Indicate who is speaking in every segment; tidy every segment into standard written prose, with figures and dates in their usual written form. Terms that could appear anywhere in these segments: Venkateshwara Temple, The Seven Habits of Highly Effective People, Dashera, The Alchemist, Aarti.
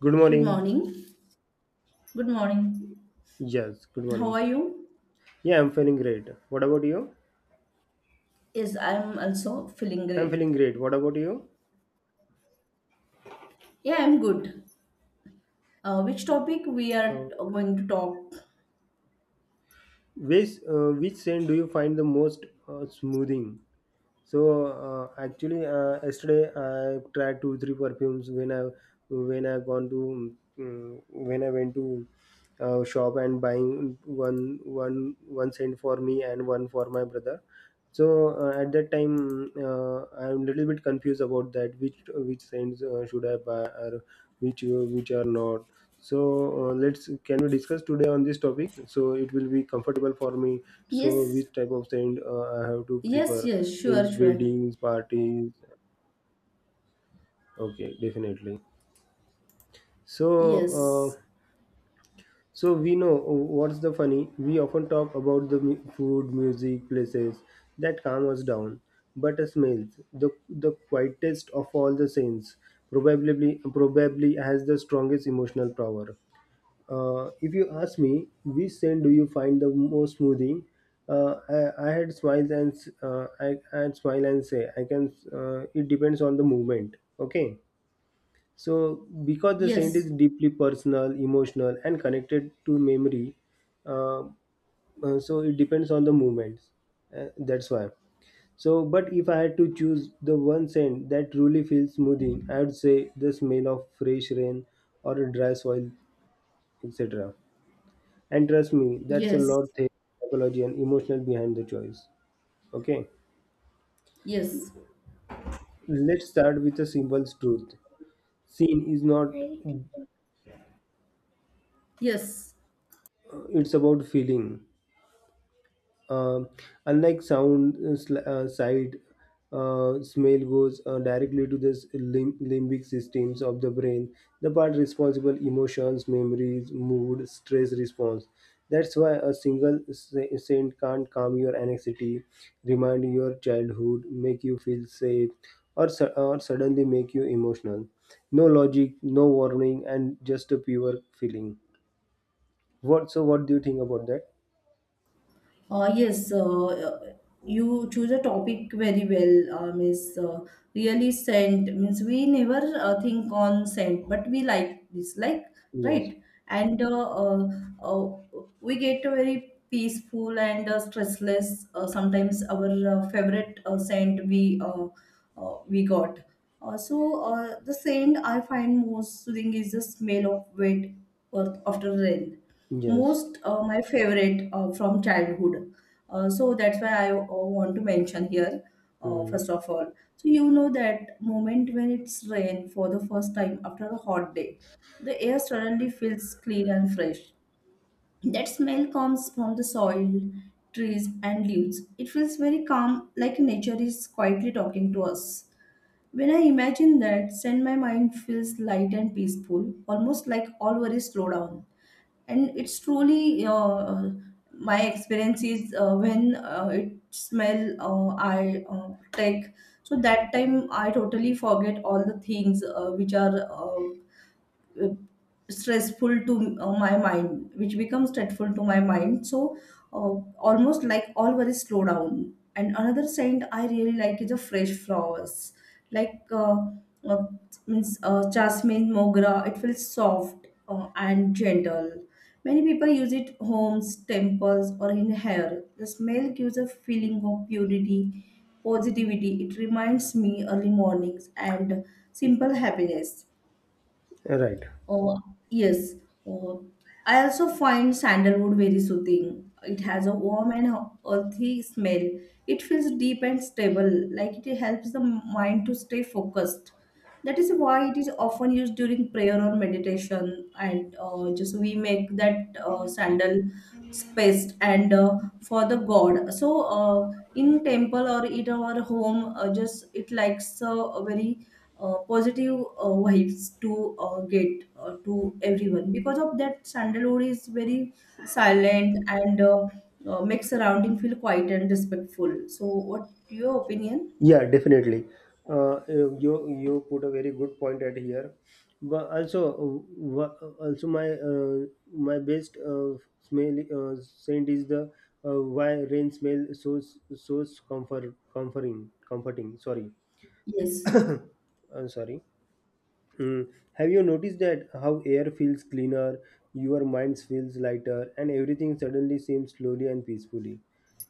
Speaker 1: Good
Speaker 2: Good
Speaker 1: morning.
Speaker 2: morning. Good morning.
Speaker 1: Yes, good
Speaker 2: How
Speaker 1: morning.
Speaker 2: are you?
Speaker 1: Yeah, I'm feeling great. What about you?
Speaker 2: Yes, I'm also feeling
Speaker 1: I'm
Speaker 2: great.
Speaker 1: feeling great. What about you?
Speaker 2: Yeah, I'm good. Which topic we are
Speaker 1: Uh,
Speaker 2: going to talk?
Speaker 1: which scent do you find the most smoothing? So, actually, yesterday I tried two three perfumes when I gone to when I went to shop and buying one cent for me and one for my brother. So, at that time, I'm little bit confused about that which scents should I buy, or which are not. So, let's, can we discuss today on this topic? So it will be comfortable for me, so
Speaker 2: Yes,
Speaker 1: which type of scent I have to
Speaker 2: yes,
Speaker 1: prefer
Speaker 2: yes, sure,
Speaker 1: in
Speaker 2: sure.
Speaker 1: weddings, parties? Okay, definitely. So
Speaker 2: Yes,
Speaker 1: uh, so we know what's the funny. We often talk about food, music, places that calm us down, but the smells, the quietest of all the scents, probably has the strongest emotional power. If you ask me, which scent do you find the most soothing? I had smile and say I can. It depends on the movement. Okay, so because the scent
Speaker 2: yes,
Speaker 1: is deeply personal, emotional, and connected to memory, uh, so it depends on the movements. That's why. So, but if I had to choose the one scent that truly feels smoothing, I would say the smell of fresh rain or a dry soil, etc. And trust me, that's a
Speaker 2: yes,
Speaker 1: lot of psychology and emotional behind the choice. Okay,
Speaker 2: yes,
Speaker 1: let's start with a simple truth. Scene is not.
Speaker 2: yes.
Speaker 1: It's about feeling. Um unlike sound, sight, smell goes directly to the limbic systems of the brain, the part responsible emotions, memories, mood, stress response. That's why a single scent can't calm your anxiety, remind your childhood, make you feel safe, or, or suddenly make you emotional. No logic, no warning, and just a pure feeling. What? So, what do you think about that?
Speaker 2: Uh, yes, uh, uh, you choose a topic very well, Miss. Really scent means we never think on scent, but we like dislike,
Speaker 1: Yes.
Speaker 2: right? And uh, we get a very peaceful and stressless. Sometimes our favorite scent we got. The scent I find most soothing is the smell of wet earth after rain,
Speaker 1: Yes.
Speaker 2: most my favorite from childhood. So that's why I want to mention here,
Speaker 1: Hmm.
Speaker 2: first of all. So you know that moment when it's rain for the first time after a hot day, the air suddenly feels clean and fresh. That smell comes from the soil, trees, and leaves. It feels very calm, like nature is quietly talking to us. When I imagine that, then my mind feels light and peaceful, almost like all worries slow down, and it's truly my experience is, when it smell, I take, so that time I totally forget all the things which are stressful to my mind, which becomes stressful to my mind. So uh, almost like all worries slow down, and another scent I really like is a fresh flowers, like uh, means jasmine mogra. It feels soft and gentle. Many people use it homes, temples, or in hair. The smell gives a feeling of purity, positivity. It reminds me early mornings and simple happiness.
Speaker 1: Right.
Speaker 2: Oh, yes. Oh, I also find sandalwood very soothing. It has a warm and earthy smell. It feels deep and stable, like it helps the mind to stay focused. That is why it is often used during prayer or meditation. And just we make that sandal spaced and for the god. So in temple or in our home, just it likes a very positive vibes to get to everyone. Because of that, sandalwood is very silent and makes surrounding feel quiet and respectful. So, what your opinion?
Speaker 1: Yeah, definitely. You put a very good point at here, but also also my my best smell scent is the why rain smell so so comforting. Sorry,
Speaker 2: Yes,
Speaker 1: I'm sorry. Mm. Have you noticed that how air feels cleaner, your mind feels lighter, and everything suddenly seems slowly and peacefully?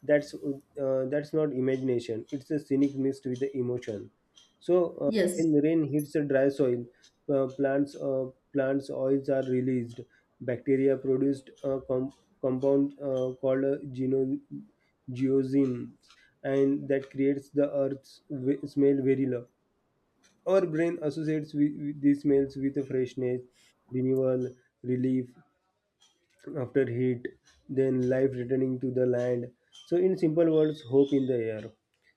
Speaker 1: That's that's not imagination. It's a scenic mixed with the emotion. So,
Speaker 2: yes,
Speaker 1: when rain hits the dry soil, uh, plants uh, plants oils are released. Bacteria produced a compound called geosins, and that creates the earth's smell very low. Our brain associates with these smells with a freshness, renewal, relief after heat, then life returning to the land. So, in simple words, hope in the air.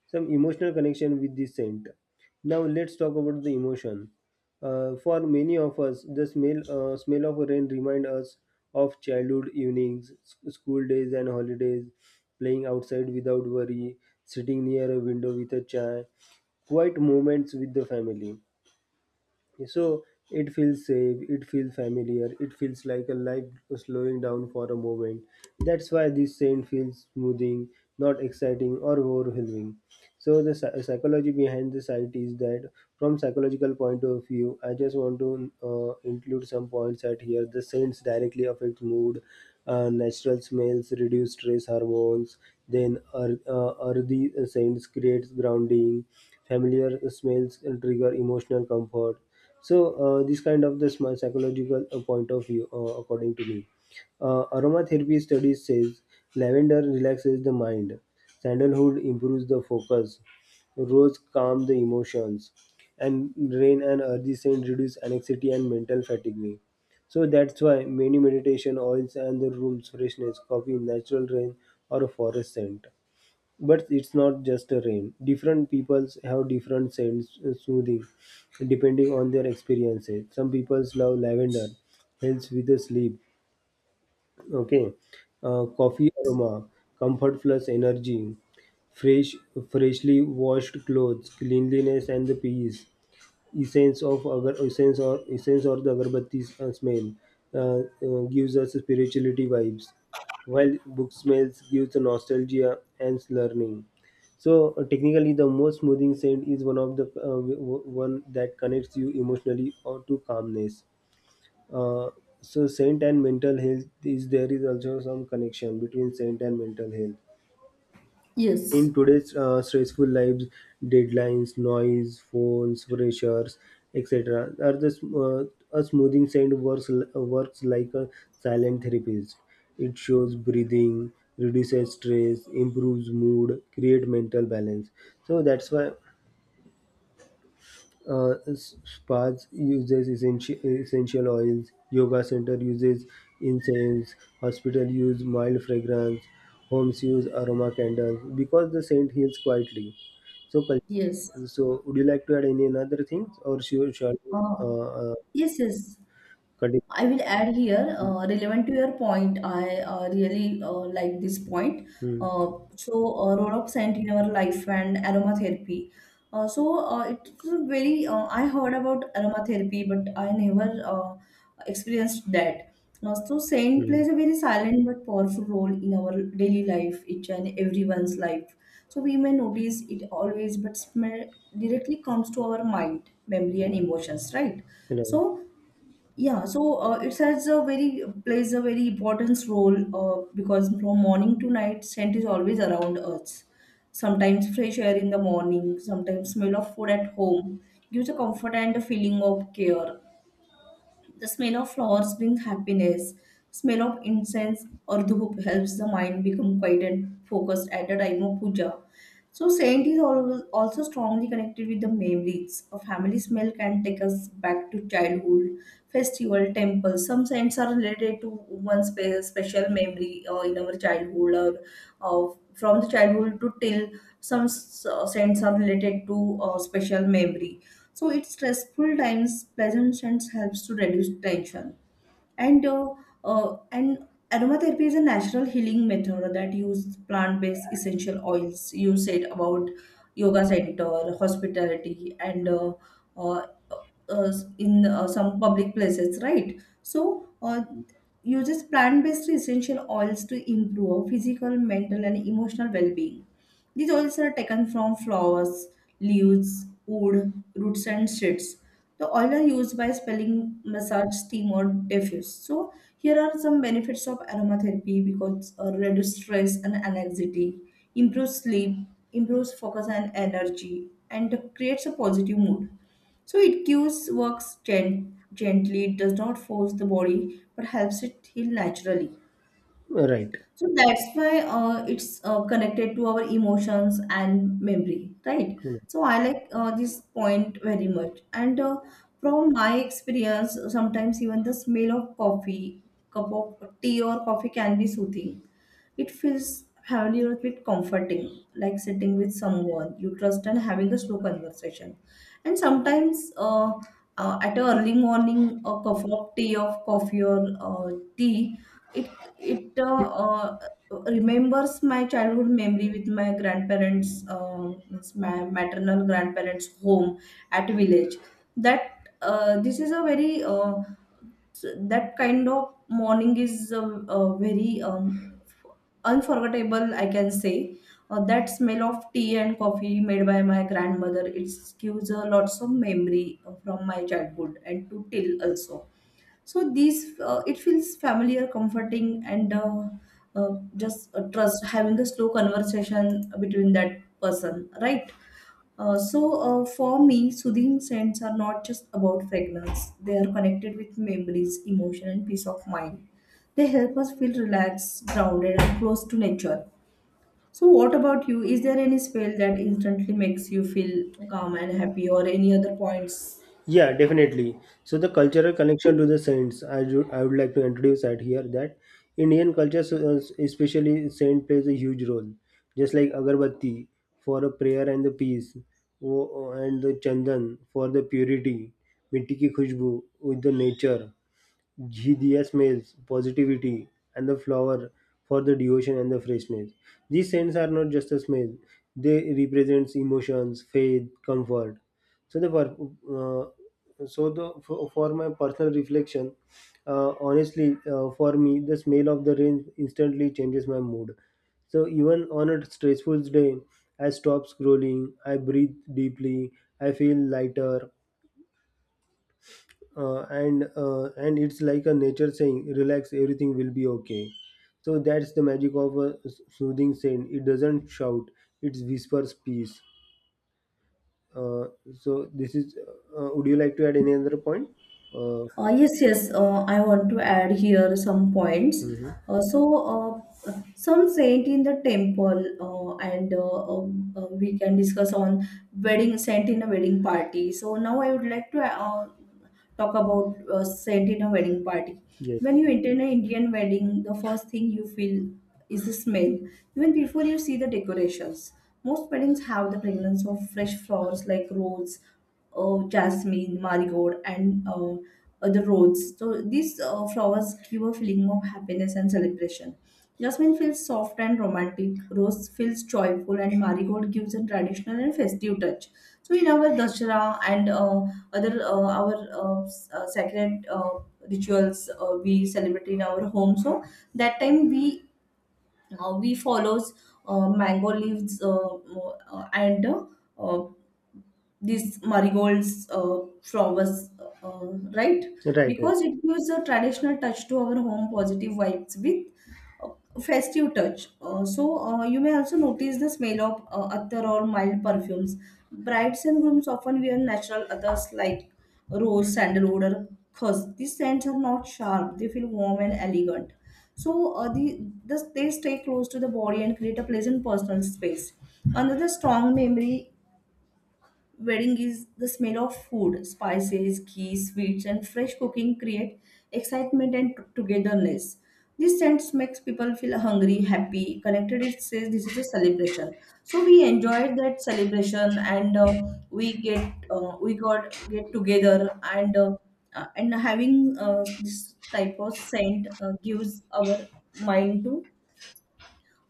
Speaker 1: Some emotional connection with this scent. Now, let's talk about the emotion. For many of us, the smell of rain remind us of childhood evenings, school days, and holidays, playing outside without worry, sitting near a window with a chai, quiet moments with the family. Okay, so it feels safe, it feels familiar, it feels like a life slowing down for a moment. That's why this scent feels smoothing, not exciting or overwhelming. So the psychology behind the site is that from psychological point of view, I just want to include some points at here. The scents directly affect mood, natural smells reduce stress hormones, then earthy scents creates grounding, familiar smells trigger emotional comfort. So this kind of the smart psychological point of view, according to me. Aromatherapy studies says lavender relaxes the mind, sandalwood improves the focus, rose calm the emotions, and rain and earthy scent reduce anxiety and mental fatigue. So that's why many meditation oils and the room's freshness copy natural rain or a forest scent. But it's not just a rain, different peoples have different scents soothing depending on their experiences. Some peoples love lavender, helps with the sleep. Okay. Coffee aroma, comfort plus energy. Fresh, freshly washed clothes, cleanliness and the peace. Essence of agar, essence or essence or the agarbatti smell uh, gives us spirituality vibes, while book smells gives the nostalgia and learning. So technically, the most smoothing scent is one of the one that connects you emotionally or to calmness. uh, so scent and mental health, is there is also some connection between scent and mental health
Speaker 2: yes,
Speaker 1: in today's stressful lives, deadlines, noise, phones, pressures, etc., are a smoothing sand works like a silent therapist. It shows breathing, reduces stress, improves mood, create mental balance. So that's why spas uses essential oils. Yoga center uses incense. Hospital use mild fragrance. Homes use aroma candles because the scent heals quietly. So,
Speaker 2: yes.
Speaker 1: so would you like to add any another things, or should shall we,
Speaker 2: Uh, yes, yes.
Speaker 1: continue?
Speaker 2: I will add here, relevant to your point, I really like this point.
Speaker 1: Hmm,
Speaker 2: Uh, Role of scent in our life and aromatherapy. It's a very, I heard about aromatherapy, but I never experienced that. Scent
Speaker 1: hmm.
Speaker 2: plays a very silent but powerful role in our daily life, each and everyone's life. So, we may notice it always, but smell directly comes to our mind memory and emotions, right?
Speaker 1: Right.
Speaker 2: So yeah, so it has a very, plays a very important role, because from morning to night scent is always around us. Sometimes fresh air in the morning, sometimes smell of food at home gives a comfort and a feeling of care. The smell of flowers brings happiness. Smell of incense or dhoop helps the mind become quiet and focused at the time of puja. So saint is al- also strongly connected with the memories. A family smell can take us back to childhood, festival, temple. Some saints are related to one's spe- special memory in our childhood or from the childhood to till some s- saints are related to special memory. So it's stressful times, pleasant scents helps to reduce tension and uh, and aromatherapy is a natural healing method that uses plant-based essential oils. You said about yoga center, hospitality, and uh, uh, in some public places, right? So uses plant-based essential oils to improve physical, mental, and emotional well-being. These oils are taken from flowers, leaves, wood, roots, and seeds. The oil are used by spelling, massage, steam, or diffuse. So here are some benefits of aromatherapy, because reduce stress and anxiety, improves sleep, improves focus and energy, and creates a positive mood. So it cues works gen- gently, it does not force the body, but helps it heal naturally.
Speaker 1: Right.
Speaker 2: So that's why it's connected to our emotions and memory, right?
Speaker 1: Hmm.
Speaker 2: So I like this point very much. And from my experience, sometimes even the smell of coffee, cup of tea or coffee can be soothing. It feels familiar with comforting, like sitting with someone you trust and having a slow conversation. And sometimes at a early morning, a cup of tea of coffee or tea, it remembers my childhood memory with my grandparents, means my maternal grandparents' home at village. That this is a very s- that kind of morning is very unforgettable, I can say. That smell of tea and coffee made by my grandmother. It gives lots of memory from my childhood and to till also. So these it feels familiar, comforting, and just trust having a slow conversation between that person, right? For me, soothing scents are not just about fragrance, they are connected with memories, emotion, and peace of mind. They help us feel relaxed, grounded, and close to nature. So what about you, is there any spell that instantly makes you feel calm and happy, or any other points?
Speaker 1: Yeah, definitely. So the cultural connection to the saints, I would like to introduce at here that Indian culture, especially saint, plays a huge role. Just like agarbatti for a prayer and the peace, and the chandan for the purity, mitti ki khushbu with the nature, Gds maize, positivity, and the flower for the devotion and the freshness. These scents are not just a smell; they represents emotions, faith, comfort. So the uh, so for my personal reflection, honestly, for me, the smell of the rain instantly changes my mood. So even on a stressful day, I stop scrolling, I breathe deeply, I feel lighter, and it's like a nature saying relax, everything will be okay. So that's the magic of a soothing scent. It doesn't shout, it whispers peace. uh, so this is, would you like to add any other point? uh,
Speaker 2: Yes. I want to add here some points.
Speaker 1: mhm.
Speaker 2: Some saint in the temple, and we can discuss on wedding saint in a wedding party. So now I would like to talk about saint in a wedding party.
Speaker 1: Yes.
Speaker 2: When you enter an Indian wedding, the first thing you feel is the smell. Even before you see the decorations, most weddings have the fragrance of fresh flowers, like rose, jasmine, marigold, and other roses. So these flowers give a feeling of happiness and celebration. Jasmine feels soft and romantic, rose feels joyful, and marigold gives a traditional and festive touch. So in our Dashera and other our s- sacred rituals, we celebrate in our home. So that time we follows mango leaves and uh, these marigolds flowers, uh, right?
Speaker 1: Right, right.
Speaker 2: Because it gives a traditional touch to our home, positive vibes with festive touch. You may also notice the smell of attar or mild perfumes. Brides and grooms often wear natural attars like rose, sandalwood, or khus. These scents are not sharp; they feel warm and elegant. So the they stay close to the body and create a pleasant personal space. Another strong memory wedding is the smell of food, spices, ghee, sweets, and fresh cooking create excitement and t- togetherness. This sense makes people feel hungry, happy, connected. It says this is a celebration, so we enjoyed that celebration, and we get we got get together, and having this type of scent gives our mind to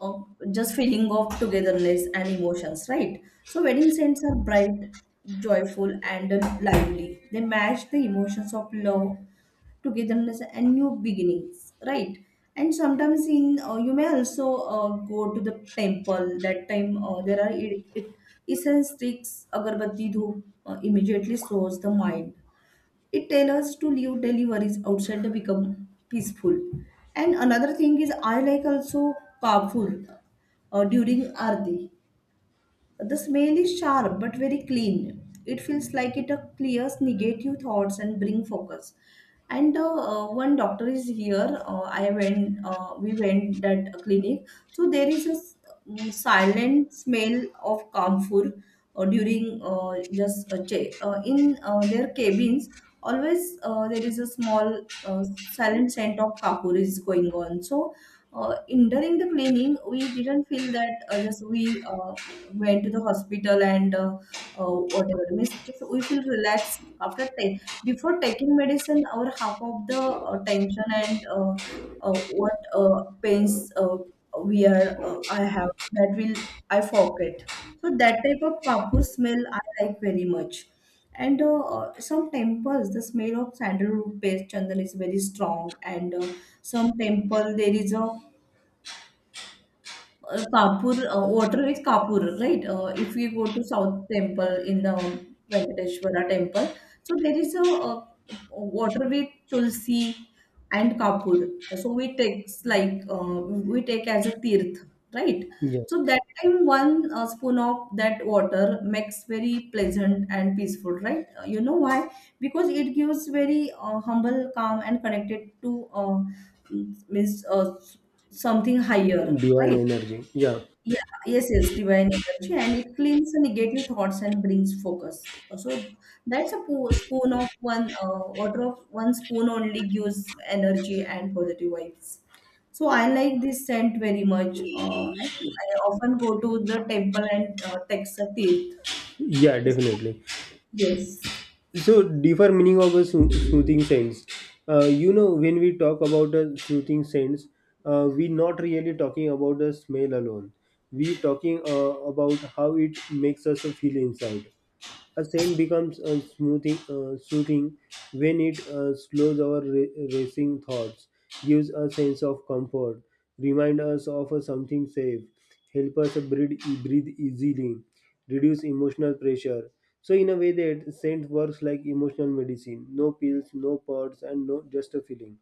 Speaker 2: of just feeling of togetherness and emotions, right? So wedding scents are bright, joyful, and lively. They match the emotions of love, togetherness, and new beginnings, right? And sometimes in you may also go to the temple. That time there are essence sticks, agarbatti dhoop immediately slows the mind. It tells us to leave daily worries outside to become peaceful. And another thing is I like also carpool during Aarti. The smell is sharp but very clean. It feels like it clears negative thoughts and bring focus. And one doctor is here. I went. We went that clinic. So there is a s- silent smell of camphor during just che- in their cabins. Always there is a small silent scent of kapur is going on. So in during the cleaning, we didn't feel that, just we went to the hospital, and whatever means just we feel relaxed after time, before taking medicine our half of the tension and what pains we are, I have that will I forget. So that type of kapur smell I like very much. And some temples the smell of sandalwood paste chandan is very strong, and some temple there is a Kapur, water is Kapur, right? If we go to South Temple in the Venkateshwara Temple, so there is a, uh, water with Tulsi and Kapur. So we take like we take as a tirth, right?
Speaker 1: Yes,
Speaker 2: So that time one spoon of that water makes very pleasant and peaceful, right? You know why? Because it gives very humble, calm, and connected to means something higher,
Speaker 1: divine
Speaker 2: right?
Speaker 1: energy. Yeah.
Speaker 2: Yeah, yes, yes, divine energy, and it cleans the negative thoughts and brings focus. So that's a spoon of one, order of one spoon only gives energy and positive vibes. So I like this scent very much. And I often go to the temple and text a tirth.
Speaker 1: Yeah,
Speaker 2: So,
Speaker 1: definitely.
Speaker 2: yes,
Speaker 1: So, deeper meaning of a soothing sense. You know, when we talk about a soothing sense, we not really talking about the smell alone. We talking about how it makes us feel inside. A scent becomes soothing when it slows our racing thoughts, gives a sense of comfort, remind us of something safe, help us breathe, breathe easily, reduce emotional pressure. So in a way that scent works like emotional medicine. No pills, no pods, and no just a feeling.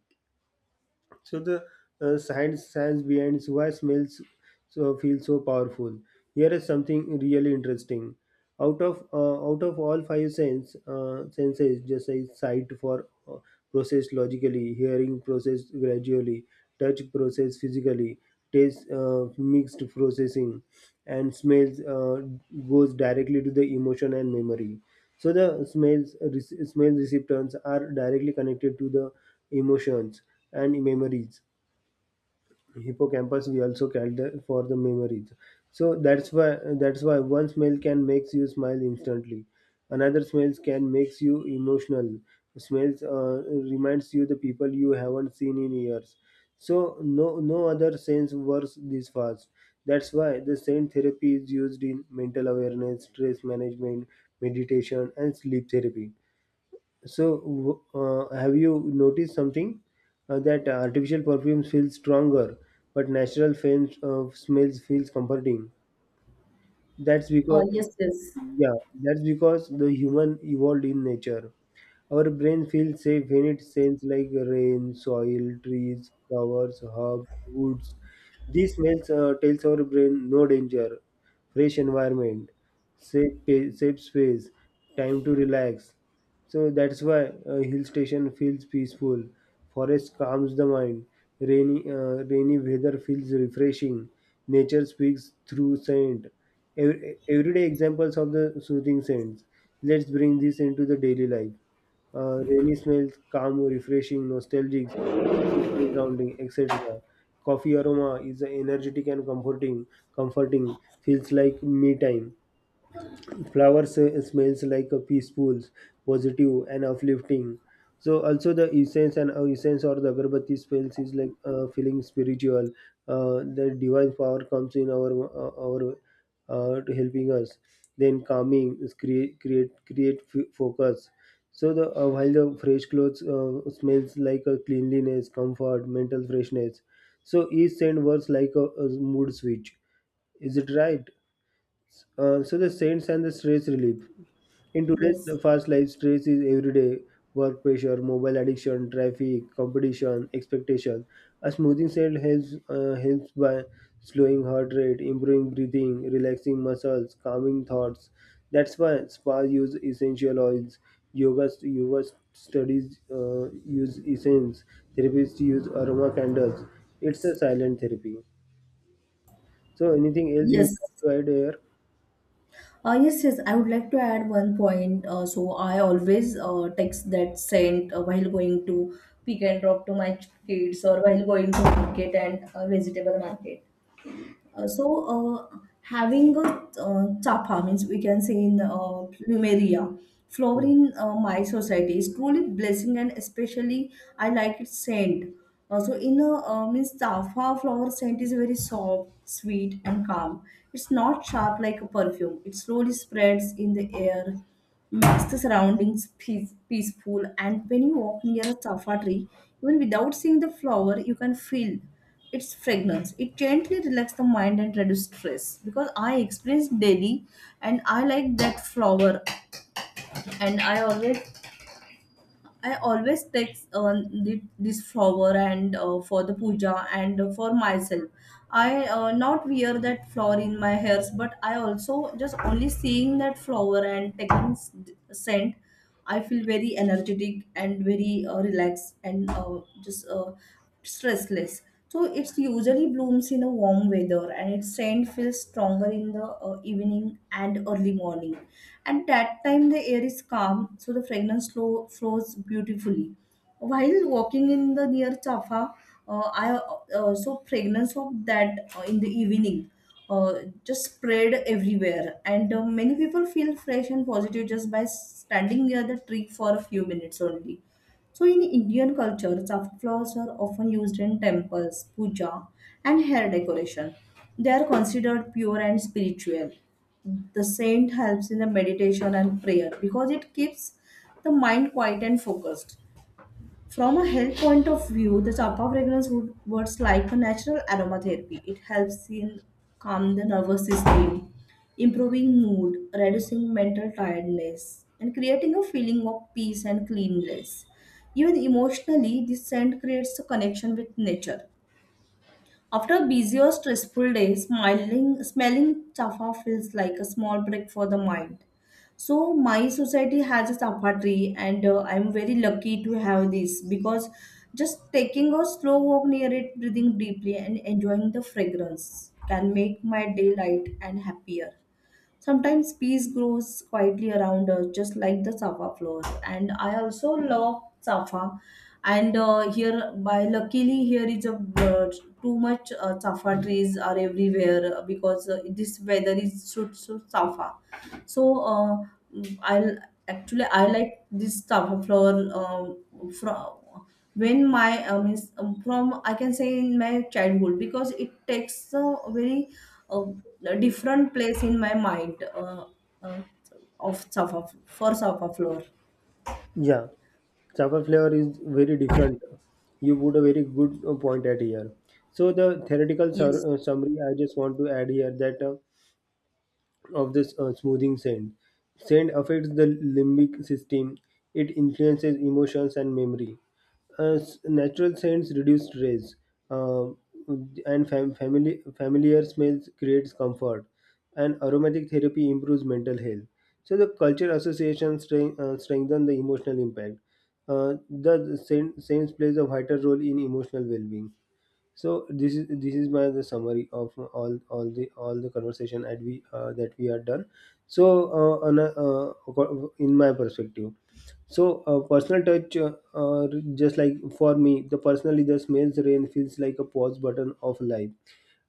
Speaker 1: So the science behind why smells so feel so powerful. Here is something really interesting. Out of all five senses, just say sight for processed logically, hearing processed gradually, touch processed physically, taste mixed processing, and smells goes directly to the emotion and memory. So the smell receptors are directly connected to the emotions and memories hippocampus, we also called the, for the memories. So that's why one smell can makes you smile instantly, another smells can makes you emotional, smells reminds you the people you haven't seen in years. So no, no other sense works this fast. That's why the scent therapy is used in mental awareness, stress management, meditation and sleep therapy. So, have you noticed something that artificial perfumes feel stronger, but natural fans, smells feels comforting? That's
Speaker 2: uh,
Speaker 1: because,
Speaker 2: yes, yes,
Speaker 1: yeah, that's because the human evolved in nature. Our brain feels safe when it scents like rain, soil, trees, flowers, herbs, woods. These smells tells our brain no danger, fresh environment, safe, safe space, time to relax. So that's why a hill station feels peaceful. Forest calms the mind. Rainy weather feels refreshing. Nature speaks through scent. Everyday examples of the soothing scents. Let's bring this into the daily life. Rainy smells, calm, refreshing, nostalgic, emotional grounding, etc. Coffee aroma is energetic and comforting. Comforting feels like me time. Flowers smells like a peaceful, positive and uplifting. So also the essence and essence or the agarbatti smells is like feeling spiritual, the divine power comes in our to helping us, then calming is create focus. So the while the fresh clothes smells like a cleanliness, comfort, mental freshness. So each scent works like a mood switch, is it right? So the saints and the stress relief. In
Speaker 2: yes,
Speaker 1: today's fast life, stress is everyday, work pressure, mobile addiction, traffic, competition, expectation. A smoothing set helps helps by slowing heart rate, improving breathing, relaxing muscles, calming thoughts. That's why spa use essential oils, yoga studies use essence, therapists use aroma candles. It's a silent therapy. So anything else you
Speaker 2: yes.
Speaker 1: want to add here?
Speaker 2: yes. I would like to add one point. So I always text that sent while going to pick and drop to my kids or while going to market and vegetable market. Uh, so Having a chapa means we can say in plumeria flower
Speaker 1: Hmm.
Speaker 2: in my society is truly blessing, and especially I like its scent. So in a Means chapa flower scent is very soft, sweet and calm. It's not sharp like a perfume. It slowly spreads in the air, makes the surroundings peaceful, and when you walk near a safa tree, even without seeing the flower you can feel its fragrance. It gently relaxes the mind and reduces stress because I experience daily, and I like that flower. And I always take this flower and for the puja and for myself. I not wear that flower in my hairs, but I also just only seeing that flower and taking scent, I feel very energetic and very relaxed and just stressless. So it's usually blooms in a warm weather, and its scent feels stronger in the evening and early morning. At that time, the air is calm, so the flows beautifully. While walking in the near Jaffa, I so fragrance of that in the evening uh, just spread everywhere, and many people feel fresh and positive just by standing near the tree for a few minutes only. So in Indian culture, safflowers are often used in temples, puja, and hair decoration. They are considered pure and spiritual. The saint helps in the meditation and prayer because it keeps the mind quiet and focused. From a health point of view, the Chapa fragrance would works like a natural aromatherapy. It helps in calm the nervous system, improving mood, reducing mental tiredness, and creating a feeling of peace and cleanliness. Even emotionally, this scent creates a connection with nature. After busy or stressful day, smelling chafa feels like a small break for the mind. So my society has a chafa tree, and I'm very lucky to have this because just taking a slow walk near it, breathing deeply, and enjoying the fragrance can make my day light and happier. Sometimes peace grows quietly around us, just like the Safa flower. And I also love Safa. And Here, by luckily, here is a too much Safa trees are everywhere because this weather is suits so, Safa. So I actually I like this Safa flower uh, from from I can say in my childhood because it takes a very uh, different place in my mind uh, of Safa for Safa floor.
Speaker 1: Yeah, Java flavor is very different. You put a very good point at here. So the theoretical
Speaker 2: Yes,
Speaker 1: summary I just want to add here that of this smoothing sand. Sand affects the limbic system. It influences emotions and memory. Natural scents reduce stress, uh, and familiar smells creates comfort. And aromatic therapy improves mental health. So the culture association strength, strengthen the emotional impact. Scents plays a vital role in emotional well-being. So this is, this is my the summary of all the, all the conversation that we had done. So on a, in my perspective, so personal touch, just like for me, the personally the smells rain feels like a pause button of life.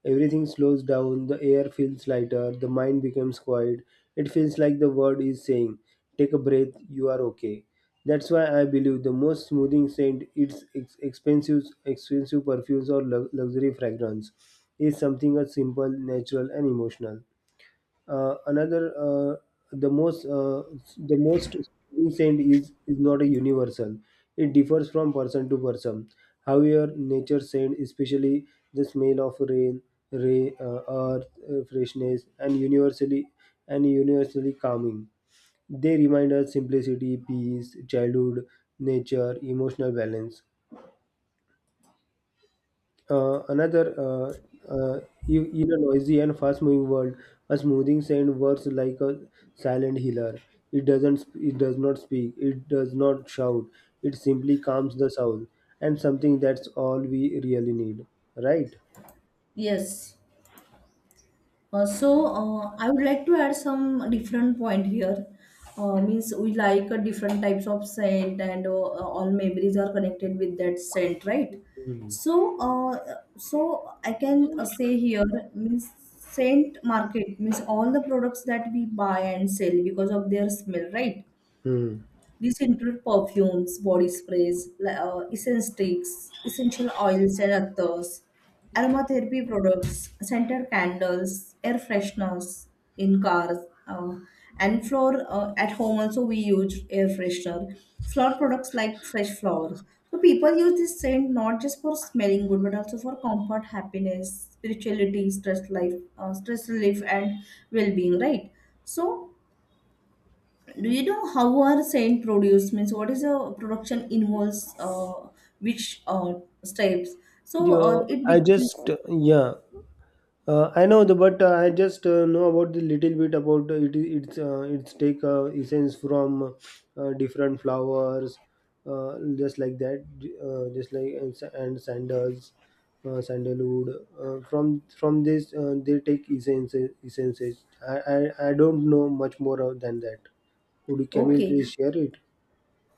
Speaker 1: Everything slows down, the air feels lighter, the mind becomes quiet. It feels like the world is saying, take a breath, you are okay. That's why I believe the most smoothing scent, its expensive, expensive perfumes or luxury fragrance, is something as simple, natural, and emotional. Uh, another uh, the most uh, the most saint is not a universal, it differs from person to person. However, nature scent, especially the smell of rain, ray earth freshness, and universally calming, they remind us simplicity, peace, childhood, nature, emotional balance. Uh, another, uh, uh, in in a noisy and fast-moving world, a smoothing sand works like a silent healer. It does not speak, it does not shout. It simply calms the soul, and something that's all we really need, right?
Speaker 2: yes. I would like to add some different point here. Means we like different types of scent, and all memories are connected with that scent, right? So I can say here, means scent market means all the products that we buy and sell because of their smell, right?
Speaker 1: Hmm.
Speaker 2: These include perfumes, body sprays, essence sticks, essential oils and others, aromatherapy products, scented candles, air fresheners in cars, uh, and floor at home also we use air freshener. Flower products like fresh flowers. So people use this scent not just for smelling good, but also for comfort, happiness, spirituality, stress relief, and well-being. Right. So do you know how are scent produced? Means what is the production involves which steps? So
Speaker 1: Yo,
Speaker 2: it
Speaker 1: I
Speaker 2: begins.
Speaker 1: just, yeah. I know the, but I just know about the little bit about it. It's take essence from different flowers, just like that, just like and, and sandals, sandalwood. From from this, they take essences. Essences. I, I don't know much more of than that. Would you, can you
Speaker 2: Okay,
Speaker 1: please share it?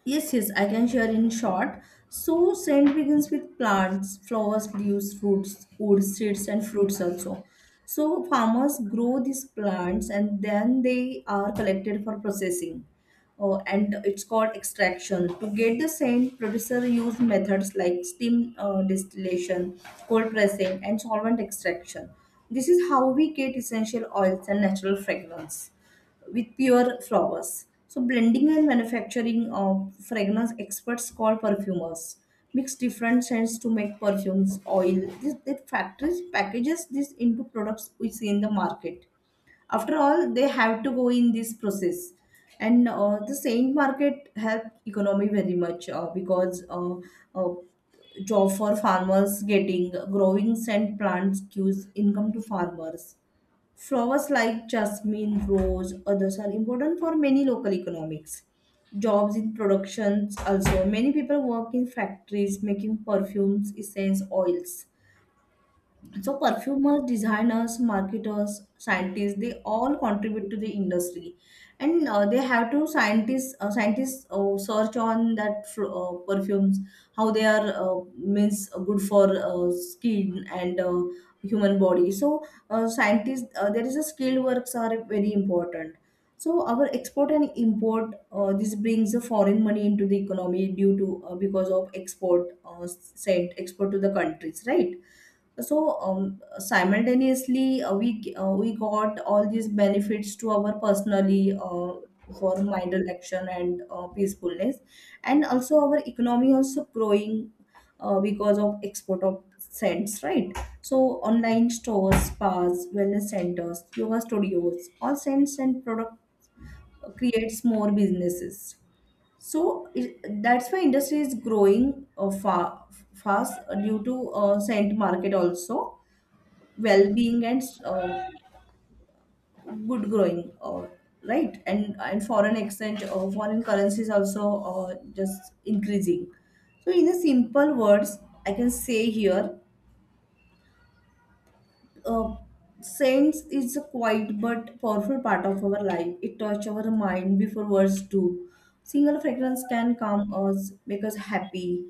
Speaker 2: yes, yes, I can share in short. So scent begins with plants, flowers, leaves, fruits, wood, seeds, and fruits also. So farmers grow these plants and then they are collected for processing. And it's called extraction. To get the scent, producer use methods like steam distillation, cold pressing, and solvent extraction. This is how we get essential oils and natural fragrance with pure flowers. So blending and manufacturing of fragrance experts called perfumers mix different scents to make perfumes, oil. This, the factories packages this into products we see in the market. After all, they have to go in this process. And the saint market help economy very much because uh, job for farmers getting growing scent plants gives income to farmers. Flowers like jasmine, rose, others are important for many local economics. Jobs in productions also. Many people work in factories making perfumes, essence, oils. So perfumers, designers, marketers, scientists, they all contribute to the industry. And They have to scientists search on that perfumes how they are means good for skin and human body. So scientists, there is a skilled works are very important. So our export and import, this brings the foreign money into the economy due to because of export, sent export to the countries, right? Simultaneously, we got all these benefits to our personally, for mind relaxation and peacefulness, and also our economy also growing because of export of scents, right? So online stores, spas, wellness centers, yoga studios, all scents and product creates more businesses. So it, that's why industry is growing fast due to scent market also. Well-being and good growing, right? And foreign exchange, foreign currencies also just increasing. So in a simple words, I can say here, uh, sense is a quiet but powerful part of our life. It touches our mind before words do. Single fragrance can calm us, make us happy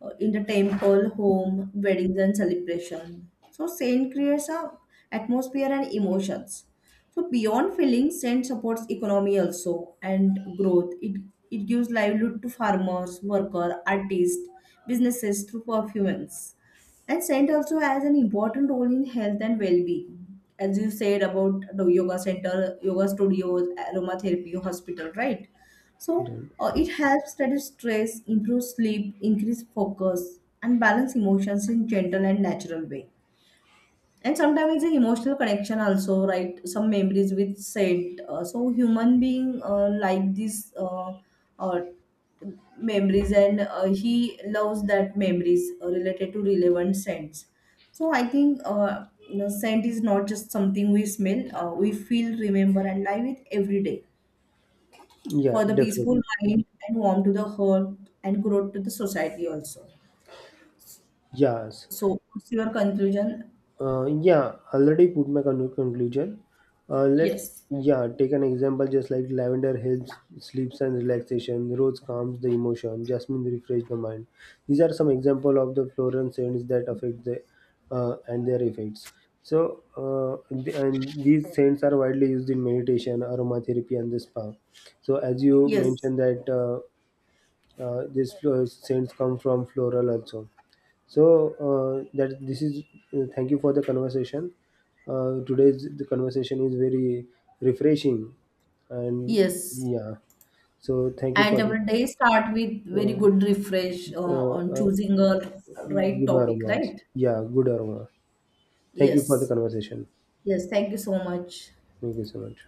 Speaker 2: in the temple, home, weddings, and celebration. So scent creates a atmosphere and emotions. So beyond feelings, scent supports economy also and growth. It gives livelihood to farmers, worker, artists, businesses through perfumes. And scent also has an important role in health and well-being. As you said about the yoga center, yoga studios, aromatherapy, hospital, right? So
Speaker 1: Then-
Speaker 2: it helps reduce stress, improve sleep, increase focus, and balance emotions in gentle and natural way. And sometimes it's an emotional connection also, right? Some memories with said, so human being like this, uh, memories, and he loves that memories related to relevant scents. So I think scent is not just something we smell, we feel, remember and live with every day,
Speaker 1: Yeah,
Speaker 2: for the
Speaker 1: definitely.
Speaker 2: peaceful mind and warm to the heart and growth to the society also.
Speaker 1: Yes.
Speaker 2: So what's your conclusion?
Speaker 1: Yeah, already put my conclusion. Let's
Speaker 2: Yes,
Speaker 1: yeah take an example just like lavender helps sleeps and relaxation, rose calms the emotion, jasmine refresh the mind. These are some example of the floral scents that affect the and their effects. So and these scents are widely used in meditation, aromatherapy, and the spa. So as you
Speaker 2: yes,
Speaker 1: mentioned that. These scents come from floral also. So that this is, thank you for the conversation, today's the conversation is very refreshing, and
Speaker 2: yes.
Speaker 1: yeah, so thank you
Speaker 2: And
Speaker 1: for the
Speaker 2: our day start with very
Speaker 1: uh,
Speaker 2: good refresh
Speaker 1: uh,
Speaker 2: on
Speaker 1: uh,
Speaker 2: choosing a right
Speaker 1: good
Speaker 2: topic,
Speaker 1: aroma,
Speaker 2: right?
Speaker 1: yeah, good aroma, thank you for the
Speaker 2: Yes,
Speaker 1: conversation,
Speaker 2: yes, thank you so much.
Speaker 1: thank you so much.